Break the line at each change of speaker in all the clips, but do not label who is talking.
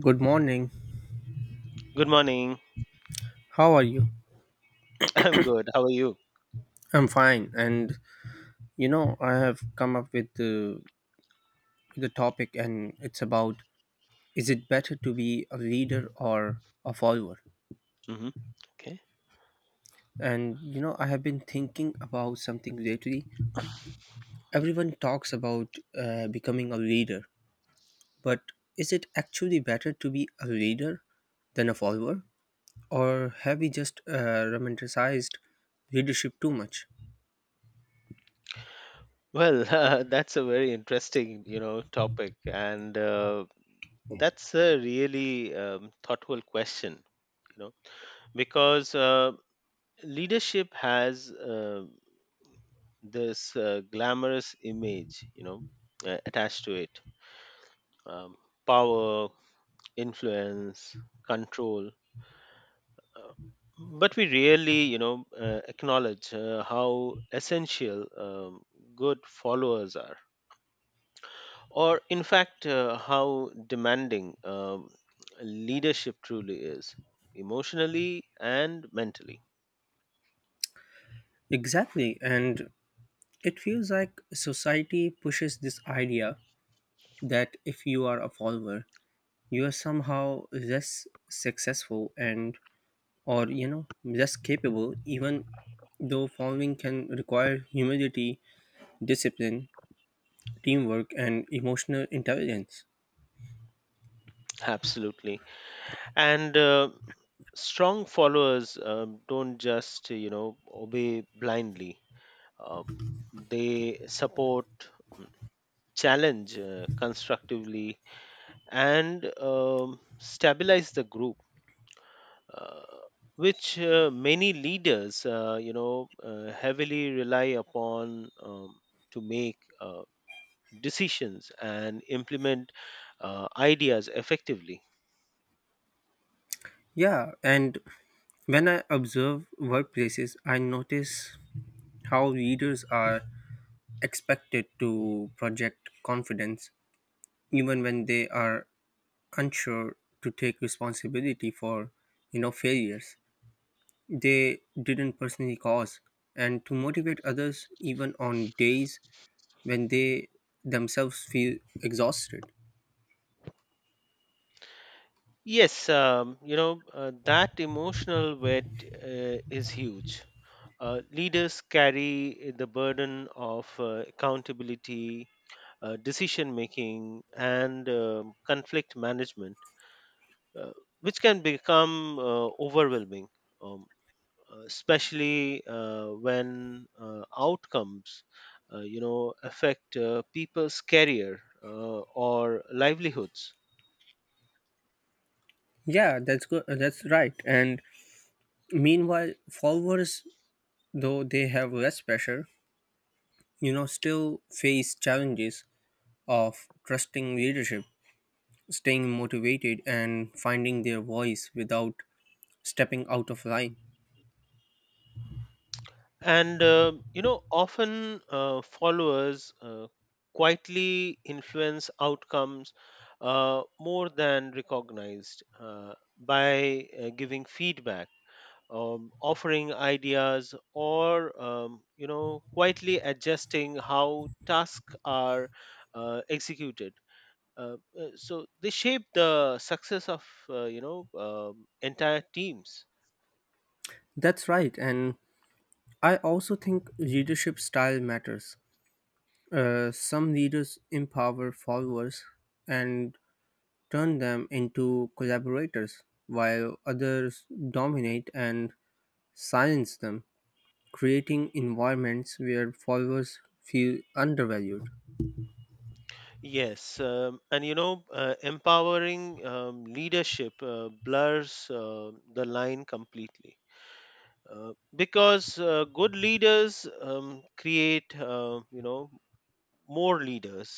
Good morning.
Good morning.
How are you?
I'm good. How are you?
I'm fine. And you know, I have come up with the topic, and it's about is it better to be a leader or a follower?
Hmm. Okay.
And you know, I have been thinking about something lately. Everyone talks about becoming a leader, but is it actually better to be a leader than a follower, or have we just romanticized leadership too much?
Well, that's a very interesting, topic, and that's a really thoughtful question, you know, because leadership has this glamorous image, attached to it: um, power, influence, control, Uh, but we rarely, acknowledge how essential good followers are, or in fact, how demanding leadership truly is, emotionally and mentally.
Exactly, and it feels like society pushes this idea that if you are a follower, you are somehow less successful and or you know less capable even though following can require humility, discipline, teamwork and emotional intelligence.
Absolutely, and strong followers don't just, obey blindly. Uh, they support, mm, challenge constructively, and stabilize the group, uh, which many leaders, heavily rely upon to make decisions and implement ideas effectively.
Yeah, and when I observe workplaces, I notice how leaders are expected to project confidence even when they are unsure, to take responsibility for you know failures they didn't personally cause, and to motivate others even on days when they themselves feel exhausted.
Yes, that emotional weight is huge. Leaders carry the burden of accountability, decision making, and conflict management, uh, which can become overwhelming, um, especially when outcomes, affect people's career or livelihoods.
Yeah, that's good, that's right. And meanwhile followers, though they have less pressure, you know, still face challenges of trusting leadership, staying motivated and finding their voice without stepping out of line.
And often followers quietly influence outcomes, more than recognized, by giving feedback, offering ideas, or quietly adjusting how tasks are executed, so they shape the success of entire teams.
That's right. And I also think leadership style matters. Some leaders empower followers and turn them into collaborators, while others dominate and silence them, creating environments where followers feel undervalued.
Yes, and empowering leadership blurs the line completely, because good leaders create, more leaders,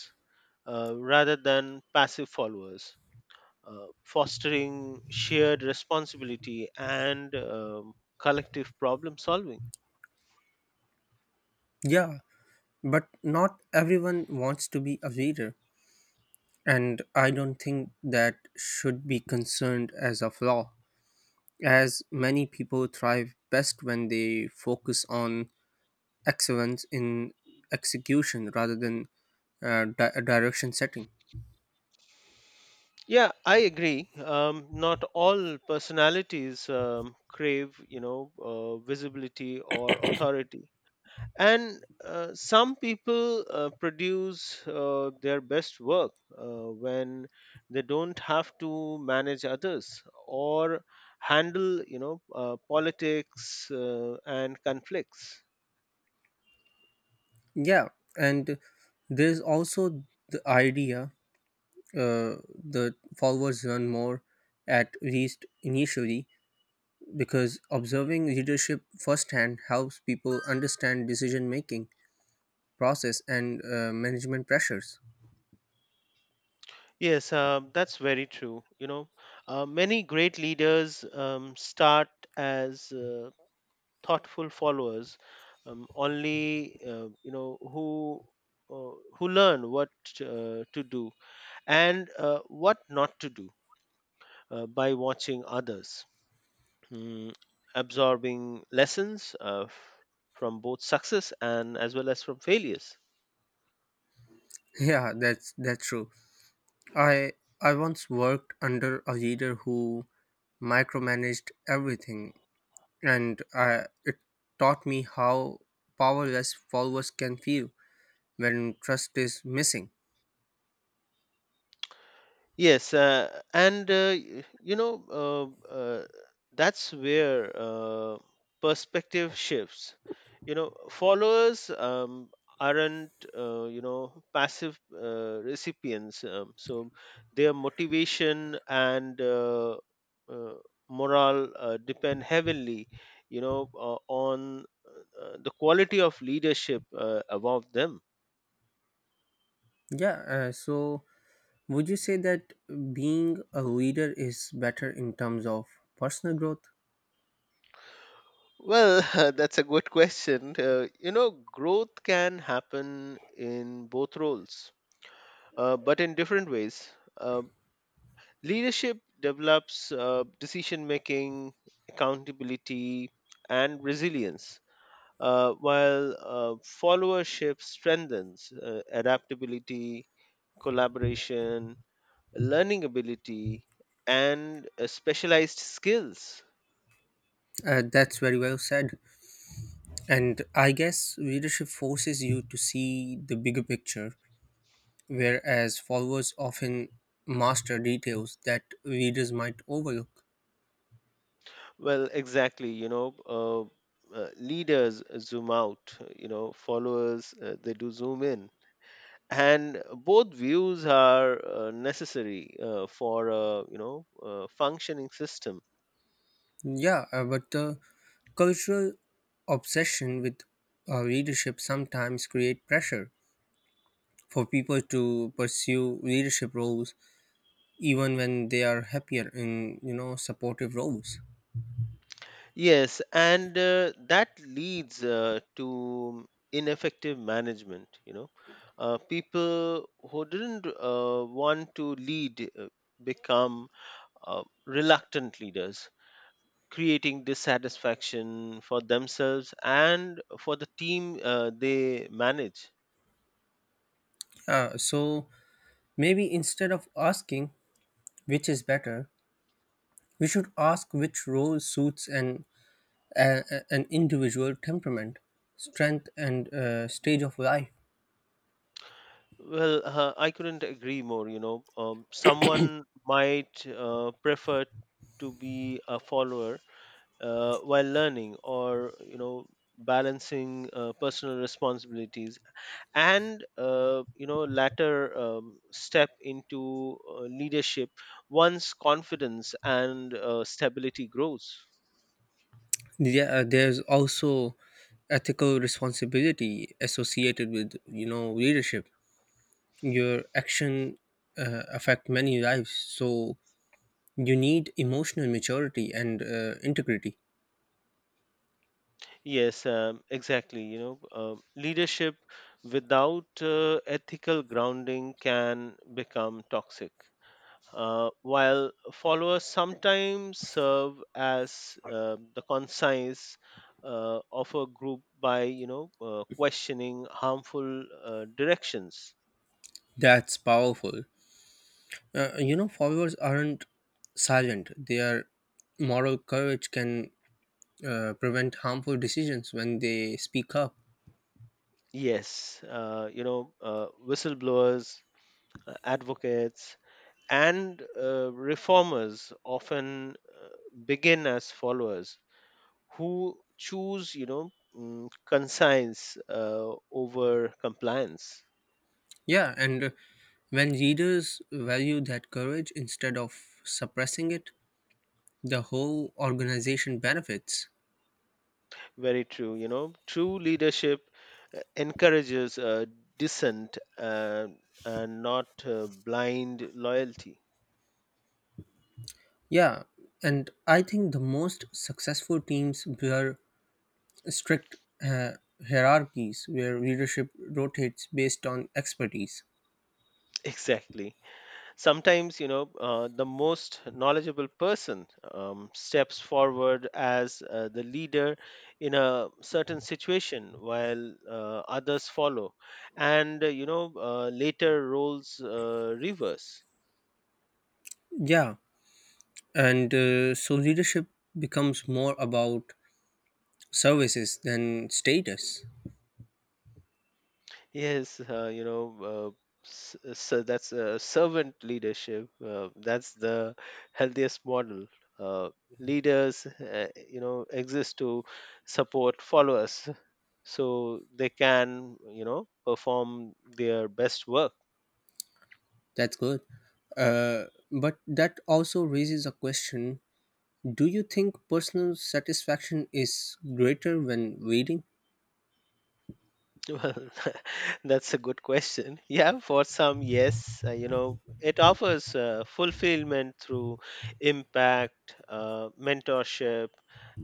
rather than passive followers, fostering shared responsibility and collective problem solving.
Yeah, but not everyone wants to be a leader, and I don't think that should be concerned as a flaw, as many people thrive best when they focus on excellence in execution rather than direction setting.
Yeah, I agree. Not all personalities crave, visibility or authority. And some people produce their best work when they don't have to manage others or handle politics and conflicts.
Yeah, and there's also the idea the followers learn more, at least initially, because observing leadership firsthand helps people understand decision making process and management pressures.
Yes, that's very true. Many great leaders start as thoughtful followers, only you know who learn what to do and what not to do by watching others, mm, absorbing lessons from both success and as well as from failures.
Yeah, that's true. I I once worked under a leader who micromanaged everything, and it taught me how powerless followers can feel when trust is missing.
Yes, and that's where perspective shifts. Followers aren't passive recipients, so their motivation and uh, morale depend heavily, on the quality of leadership above them.
Yeah, so would you say that being a leader is better in terms of personal growth?
Well, that's a good question. Growth can happen in both roles, but in different ways. Uh, Leadership develops decision making, accountability, and resilience, while followership strengthens adaptability, collaboration, learning ability, and specialized skills.
That's very well said. And I guess leadership forces you to see the bigger picture, whereas followers often master details that leaders might overlook.
Well, exactly. Leaders zoom out. Followers, they do zoom in, and both views are necessary for a functioning system.
Yeah, but the cultural obsession with leadership sometimes create pressure for people to pursue leadership roles even when they are happier in you know supportive roles.
Yes, and that leads to ineffective management. People who didn't want to lead become reluctant leaders, creating dissatisfaction for themselves and for the team they manage.
So maybe instead of asking which is better, we should ask which role suits an individual temperament, strength, and stage of life.
Well, I couldn't agree more. Someone might prefer to be a follower while learning, or balancing personal responsibilities, and latter step into leadership once confidence and stability grows.
Yeah, there's also ethical responsibility associated with you know leadership. Your action affect many lives, so you need emotional maturity and integrity.
Yes, exactly. Leadership without ethical grounding can become toxic. While followers sometimes serve as the conscience of a group by, questioning harmful directions.
That's powerful. You know, followers aren't silent. Their moral courage can prevent harmful decisions when they speak up.
Yes, whistleblowers, advocates, and reformers often uh, begin as followers who choose, conscience over compliance.
Yeah, and when leaders value that courage instead of suppressing it, the whole organization benefits.
Very true. True leadership encourages dissent, and not blind loyalty.
Yeah, and I think the most successful teams were strict uh, hierarchies where leadership rotates based on expertise.
Exactly. Sometimes, the most knowledgeable person steps forward as the leader in a certain situation while others follow. And, later roles reverse.
Yeah, and so leadership becomes more about services than status.
Yes, so that's servant leadership. That's the healthiest model. Uh, Leaders, exist to support followers so they can, perform their best work.
That's good. Uh, but that also raises a question: do you think personal satisfaction is greater when leading?
Well, that's a good question. Yeah, for some, yes, it offers fulfillment through impact, mentorship,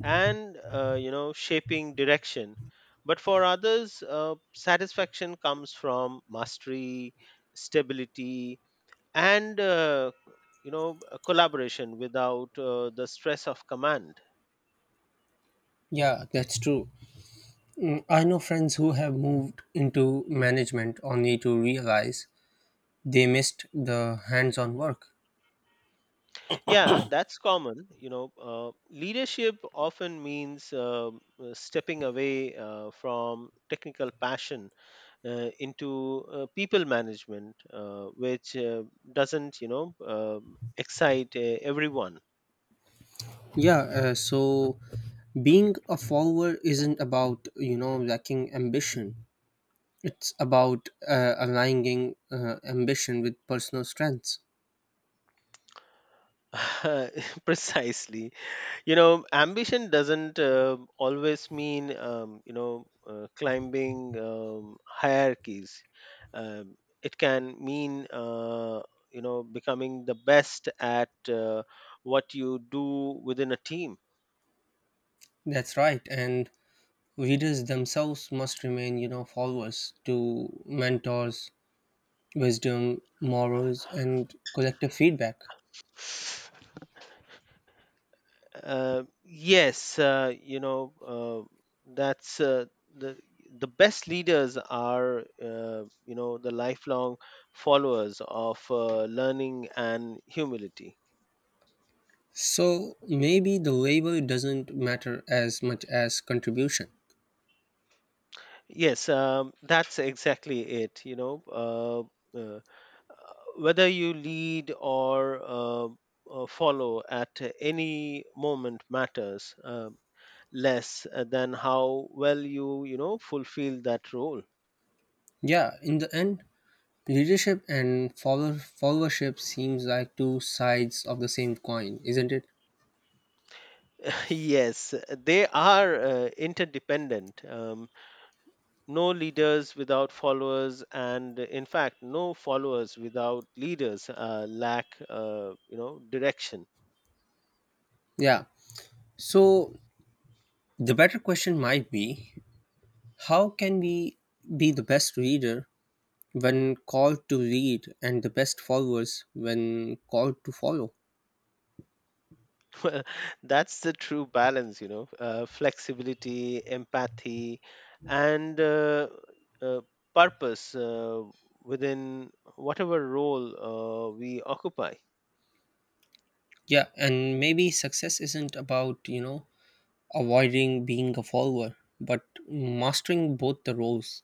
and shaping direction. But for others, satisfaction comes from mastery, stability, and a collaboration without the stress of command.
Yeah, that's true. I know friends who have moved into management only to realize they missed the hands on work.
Yeah, that's common. Leadership often means stepping away from technical passion into people management, which doesn't, excite everyone.
Yeah, so being a follower isn't about, you know, lacking ambition. It's about aligning ambition with personal strengths.
Precisely. Ambition doesn't always mean, climbing hierarchies. um, it can mean, becoming the best at what you do within a team.
That's right. And readers themselves must remain, you know, followers to mentors, wisdom, morals, and collective feedback.
Yes, that's, the the best leaders are the lifelong followers of learning and humility.
So maybe the label doesn't matter as much as contribution.
Yes, that's exactly it. Whether you lead or follow at any moment matters less than how well you, fulfill that role.
Yeah, in the end, leadership and followership seems like two sides of the same coin, isn't it?
Yes, they are interdependent. No leaders without followers, and in fact, no followers without leaders lack, direction.
Yeah. So the better question might be how can we be the best reader when called to lead and the best followers when called to follow?
Well, that's the true balance, flexibility, empathy, and uh, purpose within whatever role we occupy.
Yeah, and maybe success isn't about, you know, avoiding being a follower, but mastering both the roles.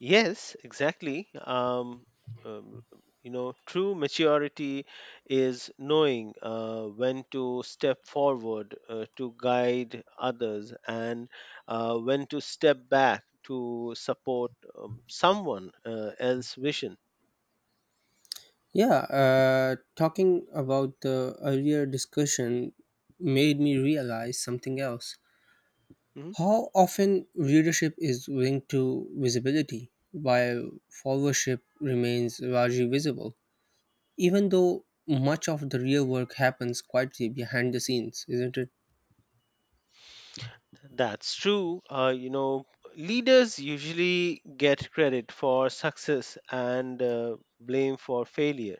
Yes, exactly. Um, True maturity is knowing when to step forward to guide others and when to step back to support someone else's vision.
Yeah, talking about the earlier discussion made me realize something else.
Mhm.
How often readership is linked to visibility, while followership remains largely visible, even though much of the real work happens quietly behind the scenes, isn't it?
That's true. Leaders usually get credit for success and blame for failure.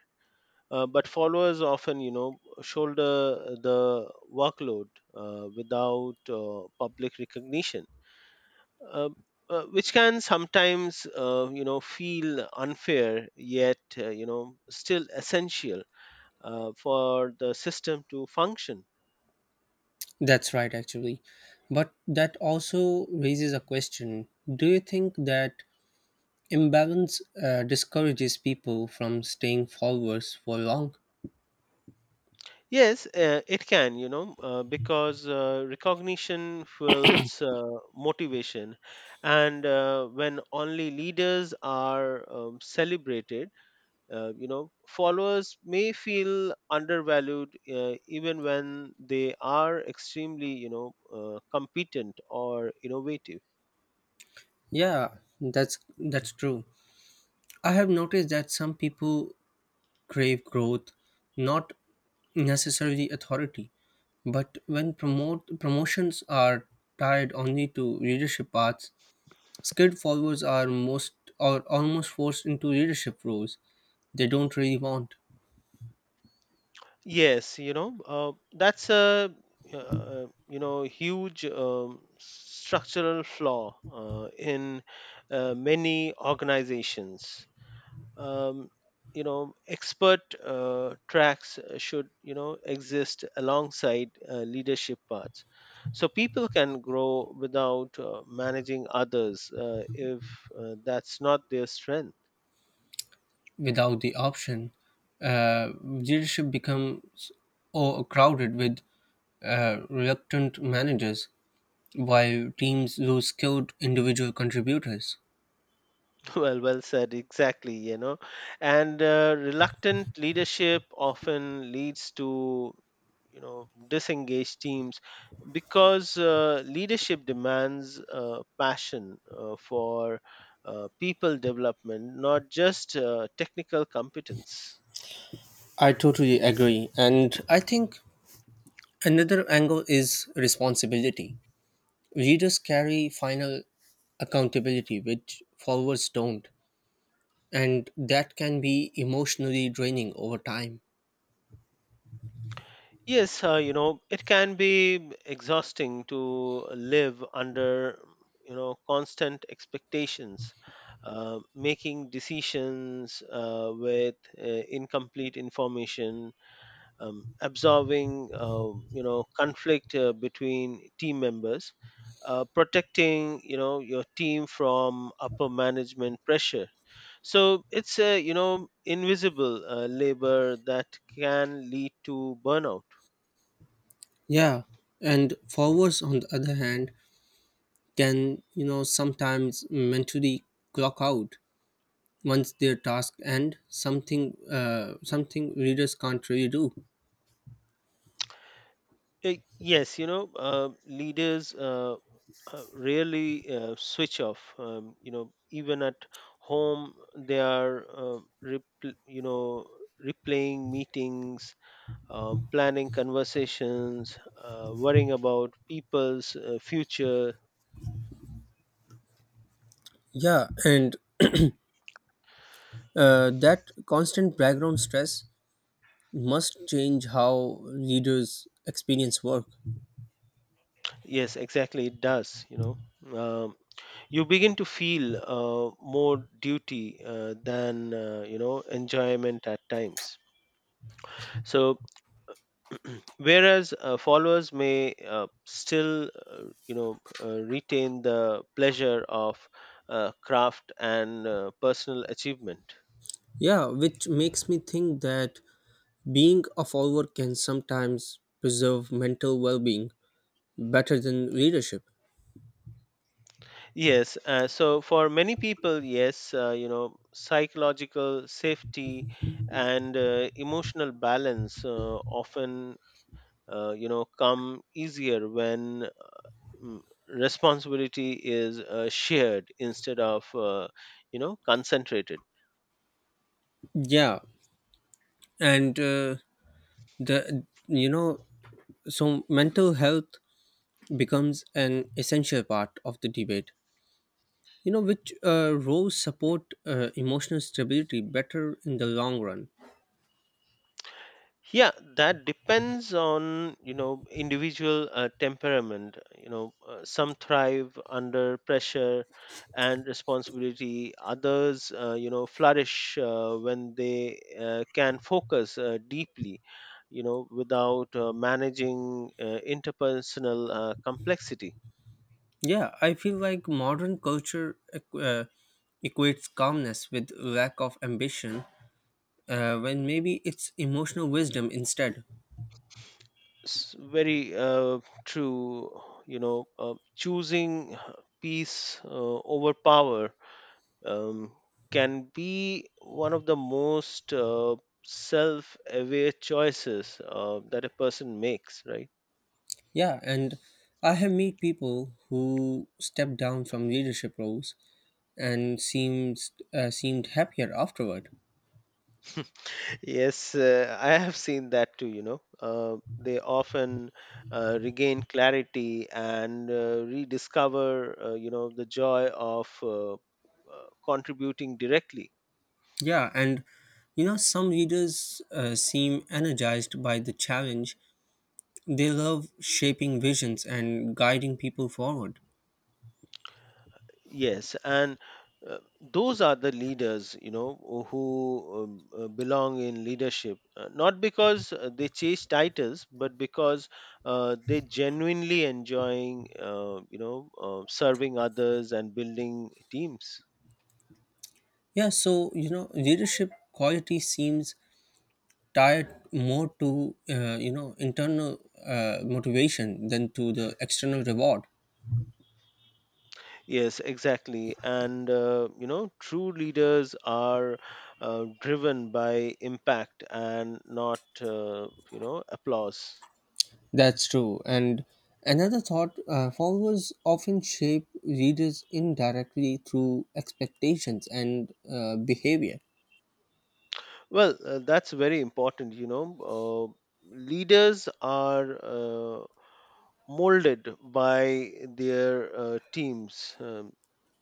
But followers often, shoulder the workload without public recognition, uh, which can sometimes, feel unfair, yet, still essential for the system to function.
That's right, actually. But that also raises a question. Do you think that imbalance discourages people from staying forwards for long.
Yes, it can, because recognition fuels motivation. And when only leaders are celebrated, followers may feel undervalued even when they are extremely, competent or innovative.
Yeah, that's true. I have noticed that some people crave growth, not necessarily authority. But when promote promotions are tied only to leadership paths, skilled forwards are almost forced into leadership roles they don't really want.
Yes, that's a huge, structural flaw in many organizations. um, Expert tracks should, exist alongside leadership paths so people can grow without managing others if that's not their strength.
Without the option, leadership becomes overcrowded with reluctant managers, while teams lose skilled individual contributors.
Well, well said. Exactly, and reluctant leadership often leads to disengaged teams because leadership demands passion for people development, not just technical competence.
I totally agree. And I think another angle is responsibility. Leaders carry final accountability, which followers don't. And that can be emotionally draining over time.
Yes, it can be exhausting to live under, constant expectations, making decisions with incomplete information, absorbing, conflict between team members, protecting, your team from upper management pressure. So it's a, invisible labor that can lead to burnout.
Yeah. And followers, on the other hand, can you know sometimes mentally clock out once their task end, something readers can't really do.
Yes, leaders rarely switch off. Even at home, they are, repl- you know, replaying meetings, planning conversations, worrying about people's future.
Yeah, and that constant background stress must change how readers experience work.
Yes, exactly, it does. You begin to feel more duty than enjoyment at times. So whereas followers may still retain the pleasure of craft and personal achievement.
Yeah, which makes me think that being a follower can sometimes preserve mental well-being better than readership.
Yes, so for many people, yes, psychological safety and emotional balance often come easier when, mm, responsibility is shared instead of concentrated.
Yeah, and the you know so mental health becomes an essential part of the debate. You know, which roles support emotional stability better in the long run?
Yeah, that depends on individual temperament. Some thrive under pressure and responsibility. Others flourish when they can focus deeply, without managing interpersonal complexity.
Yeah, I feel like modern culture equates calmness with lack of ambition, when maybe it's emotional wisdom instead.
Very true. Choosing peace over power, um, can be one of the most self-aware choices that a person makes, right?
Yeah, and I have met people who stepped down from leadership roles and seems seemed happier afterward.
Yes, I have seen that too. They often regain clarity and rediscover, the joy of contributing directly.
Yeah, and you know, some readers seem energized by the challenge. They love shaping visions and guiding people forward.
Yes, and those are the leaders, who belong in leadership, not because they chase titles, but because they genuinely enjoying, serving others and building teams.
Yeah, so you know, leadership quality seems tied more to you know internal motivation than to the external reward.
Yes, exactly. And, true leaders are driven by impact and not, applause.
That's true. And another thought: followers often shape readers indirectly through expectations and behavior.
Well, that's very important. Leaders are molded by their teams.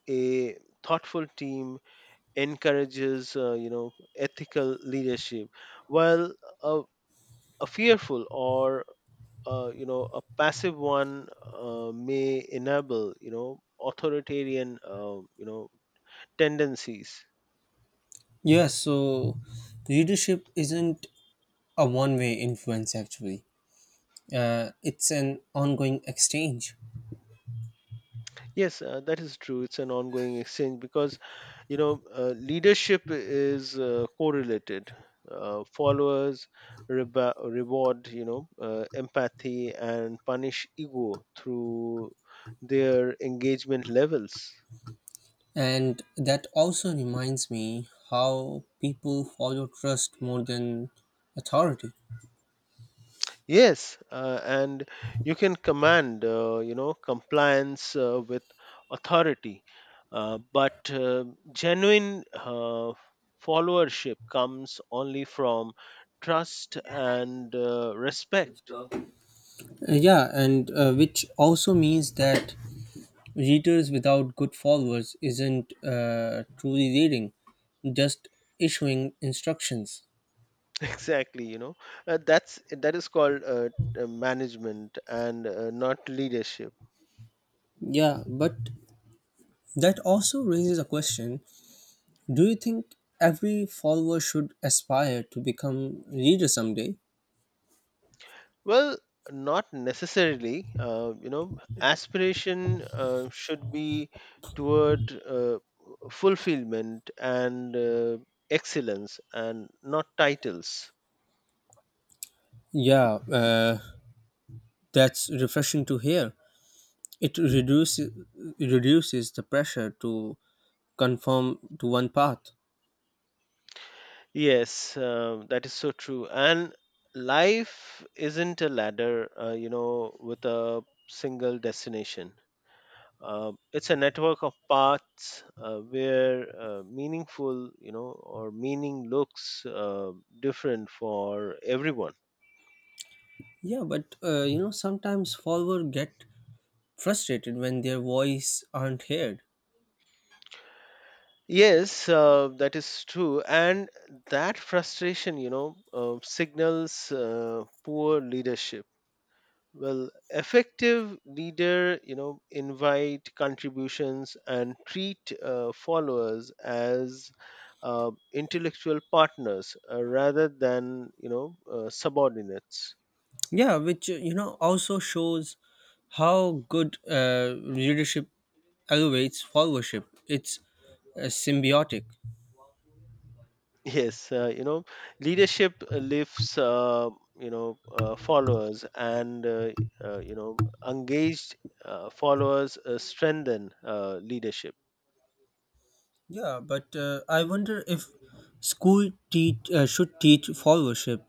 A thoughtful team encourages, ethical leadership, while a, a fearful or a passive one may enable, authoritarian, tendencies.
Yeah, so leadership isn't a one way influence actually, it's an ongoing exchange.
Yes, that is true. It's an ongoing exchange because, leadership is correlated. Followers reward, empathy and punish ego through their engagement levels.
And that also reminds me how people follow trust more than authority.
Yes, and you can command, compliance with authority, but genuine followership comes only from trust and respect.
Yeah, and which also means that leaders without good followers isn't truly leading, just issuing instructions.
Exactly, that is called management and not leadership.
Yeah, but that also raises a question. Do you think every follower should aspire to become leader someday?
Well, not necessarily. Aspiration should be toward uh, fulfillment and excellence, and not titles.
Yeah, uh, that's refreshing to hear. It reduces the pressure to conform to one path.
Yes, that is so true. And life isn't a ladder, with a single destination. It's a network of paths where meaningful, or meaning looks different for everyone.
Yeah, but you know sometimes followers get frustrated when their voice aren't heard.
Yes, that is true. And that frustration, signals poor leadership. Well, effective leader, invite contributions and treat followers as intellectual partners rather than, subordinates.
Yeah, which you know also shows how good leadership elevates followership. It's symbiotic.
Yes, leadership lifts, followers and, uh, you know, engaged followers strengthen leadership.
Yeah, but I wonder if school teach should teach followership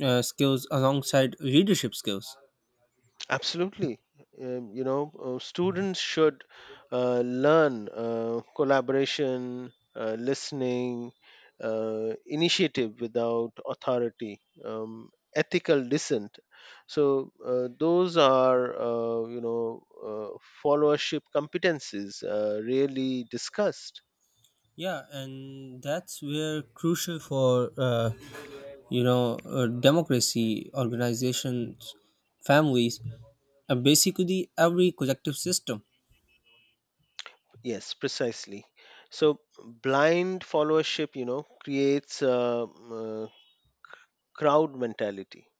skills alongside leadership skills.
Absolutely. Students should learn collaboration, listening, initiative without authority, um, ethical dissent. So those are, followership competencies really discussed.
Yeah, and that's where crucial for you know democracy, organizations, families, and basically every collective system.
Yes, precisely. So blind followership, creates a, uh crowd mentality,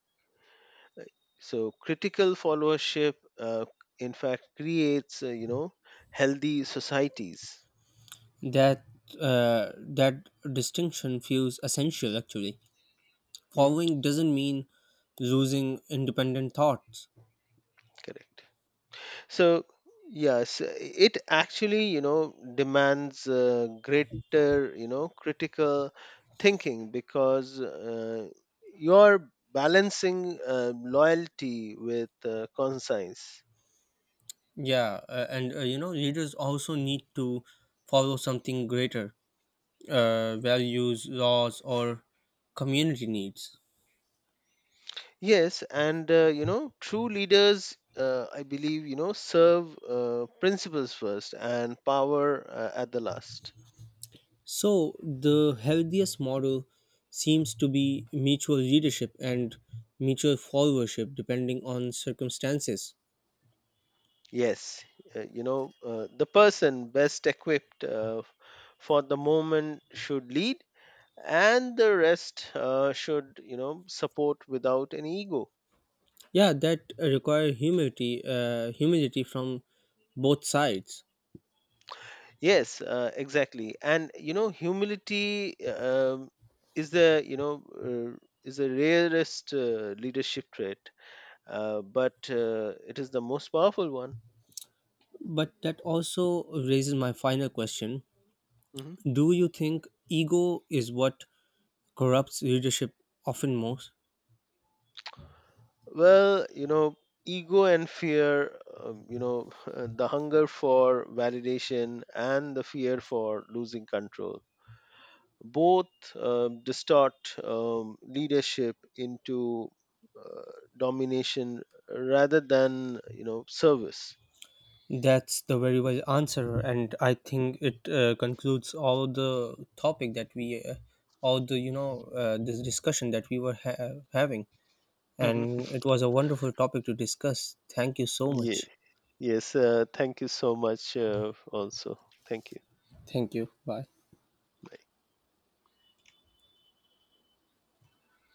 so critical followership in fact creates, healthy societies.
That uh, that distinction feels essential. Actually,
Mhm.
following doesn't mean losing independent thoughts.
Correct. So yes, it actually demands greater, critical thinking because you're balancing loyalty with conscience.
Yeah, and you know, leaders also need to follow something greater, values, laws, or community needs.
Yes, and true leaders, I believe, serve principles first and power at the last.
So, the healthiest model seems to be mutual leadership and mutual followership depending on circumstances.
Yes, the person best equipped for the moment should lead, and the rest should, support without an ego.
Yeah, that require humility, humility from both sides.
Yes, exactly. And humility is the, you know, uh, is the rarest leadership trait, but it is the most powerful one.
But that also raises my final question.
Mhm.
Do you think ego is what corrupts leadership often most.
Well, ego and fear, the hunger for validation and the fear for losing control both, distort leadership into uh, domination rather than, service.
That's the very wise answer, and I think it concludes all the topic that all the you know, this discussion that we were having,
Hmm.
and it was a wonderful topic to discuss. Thank you so
Yeah.
much.
Yes, thank you so much, also thank you.
Thank you. Bye.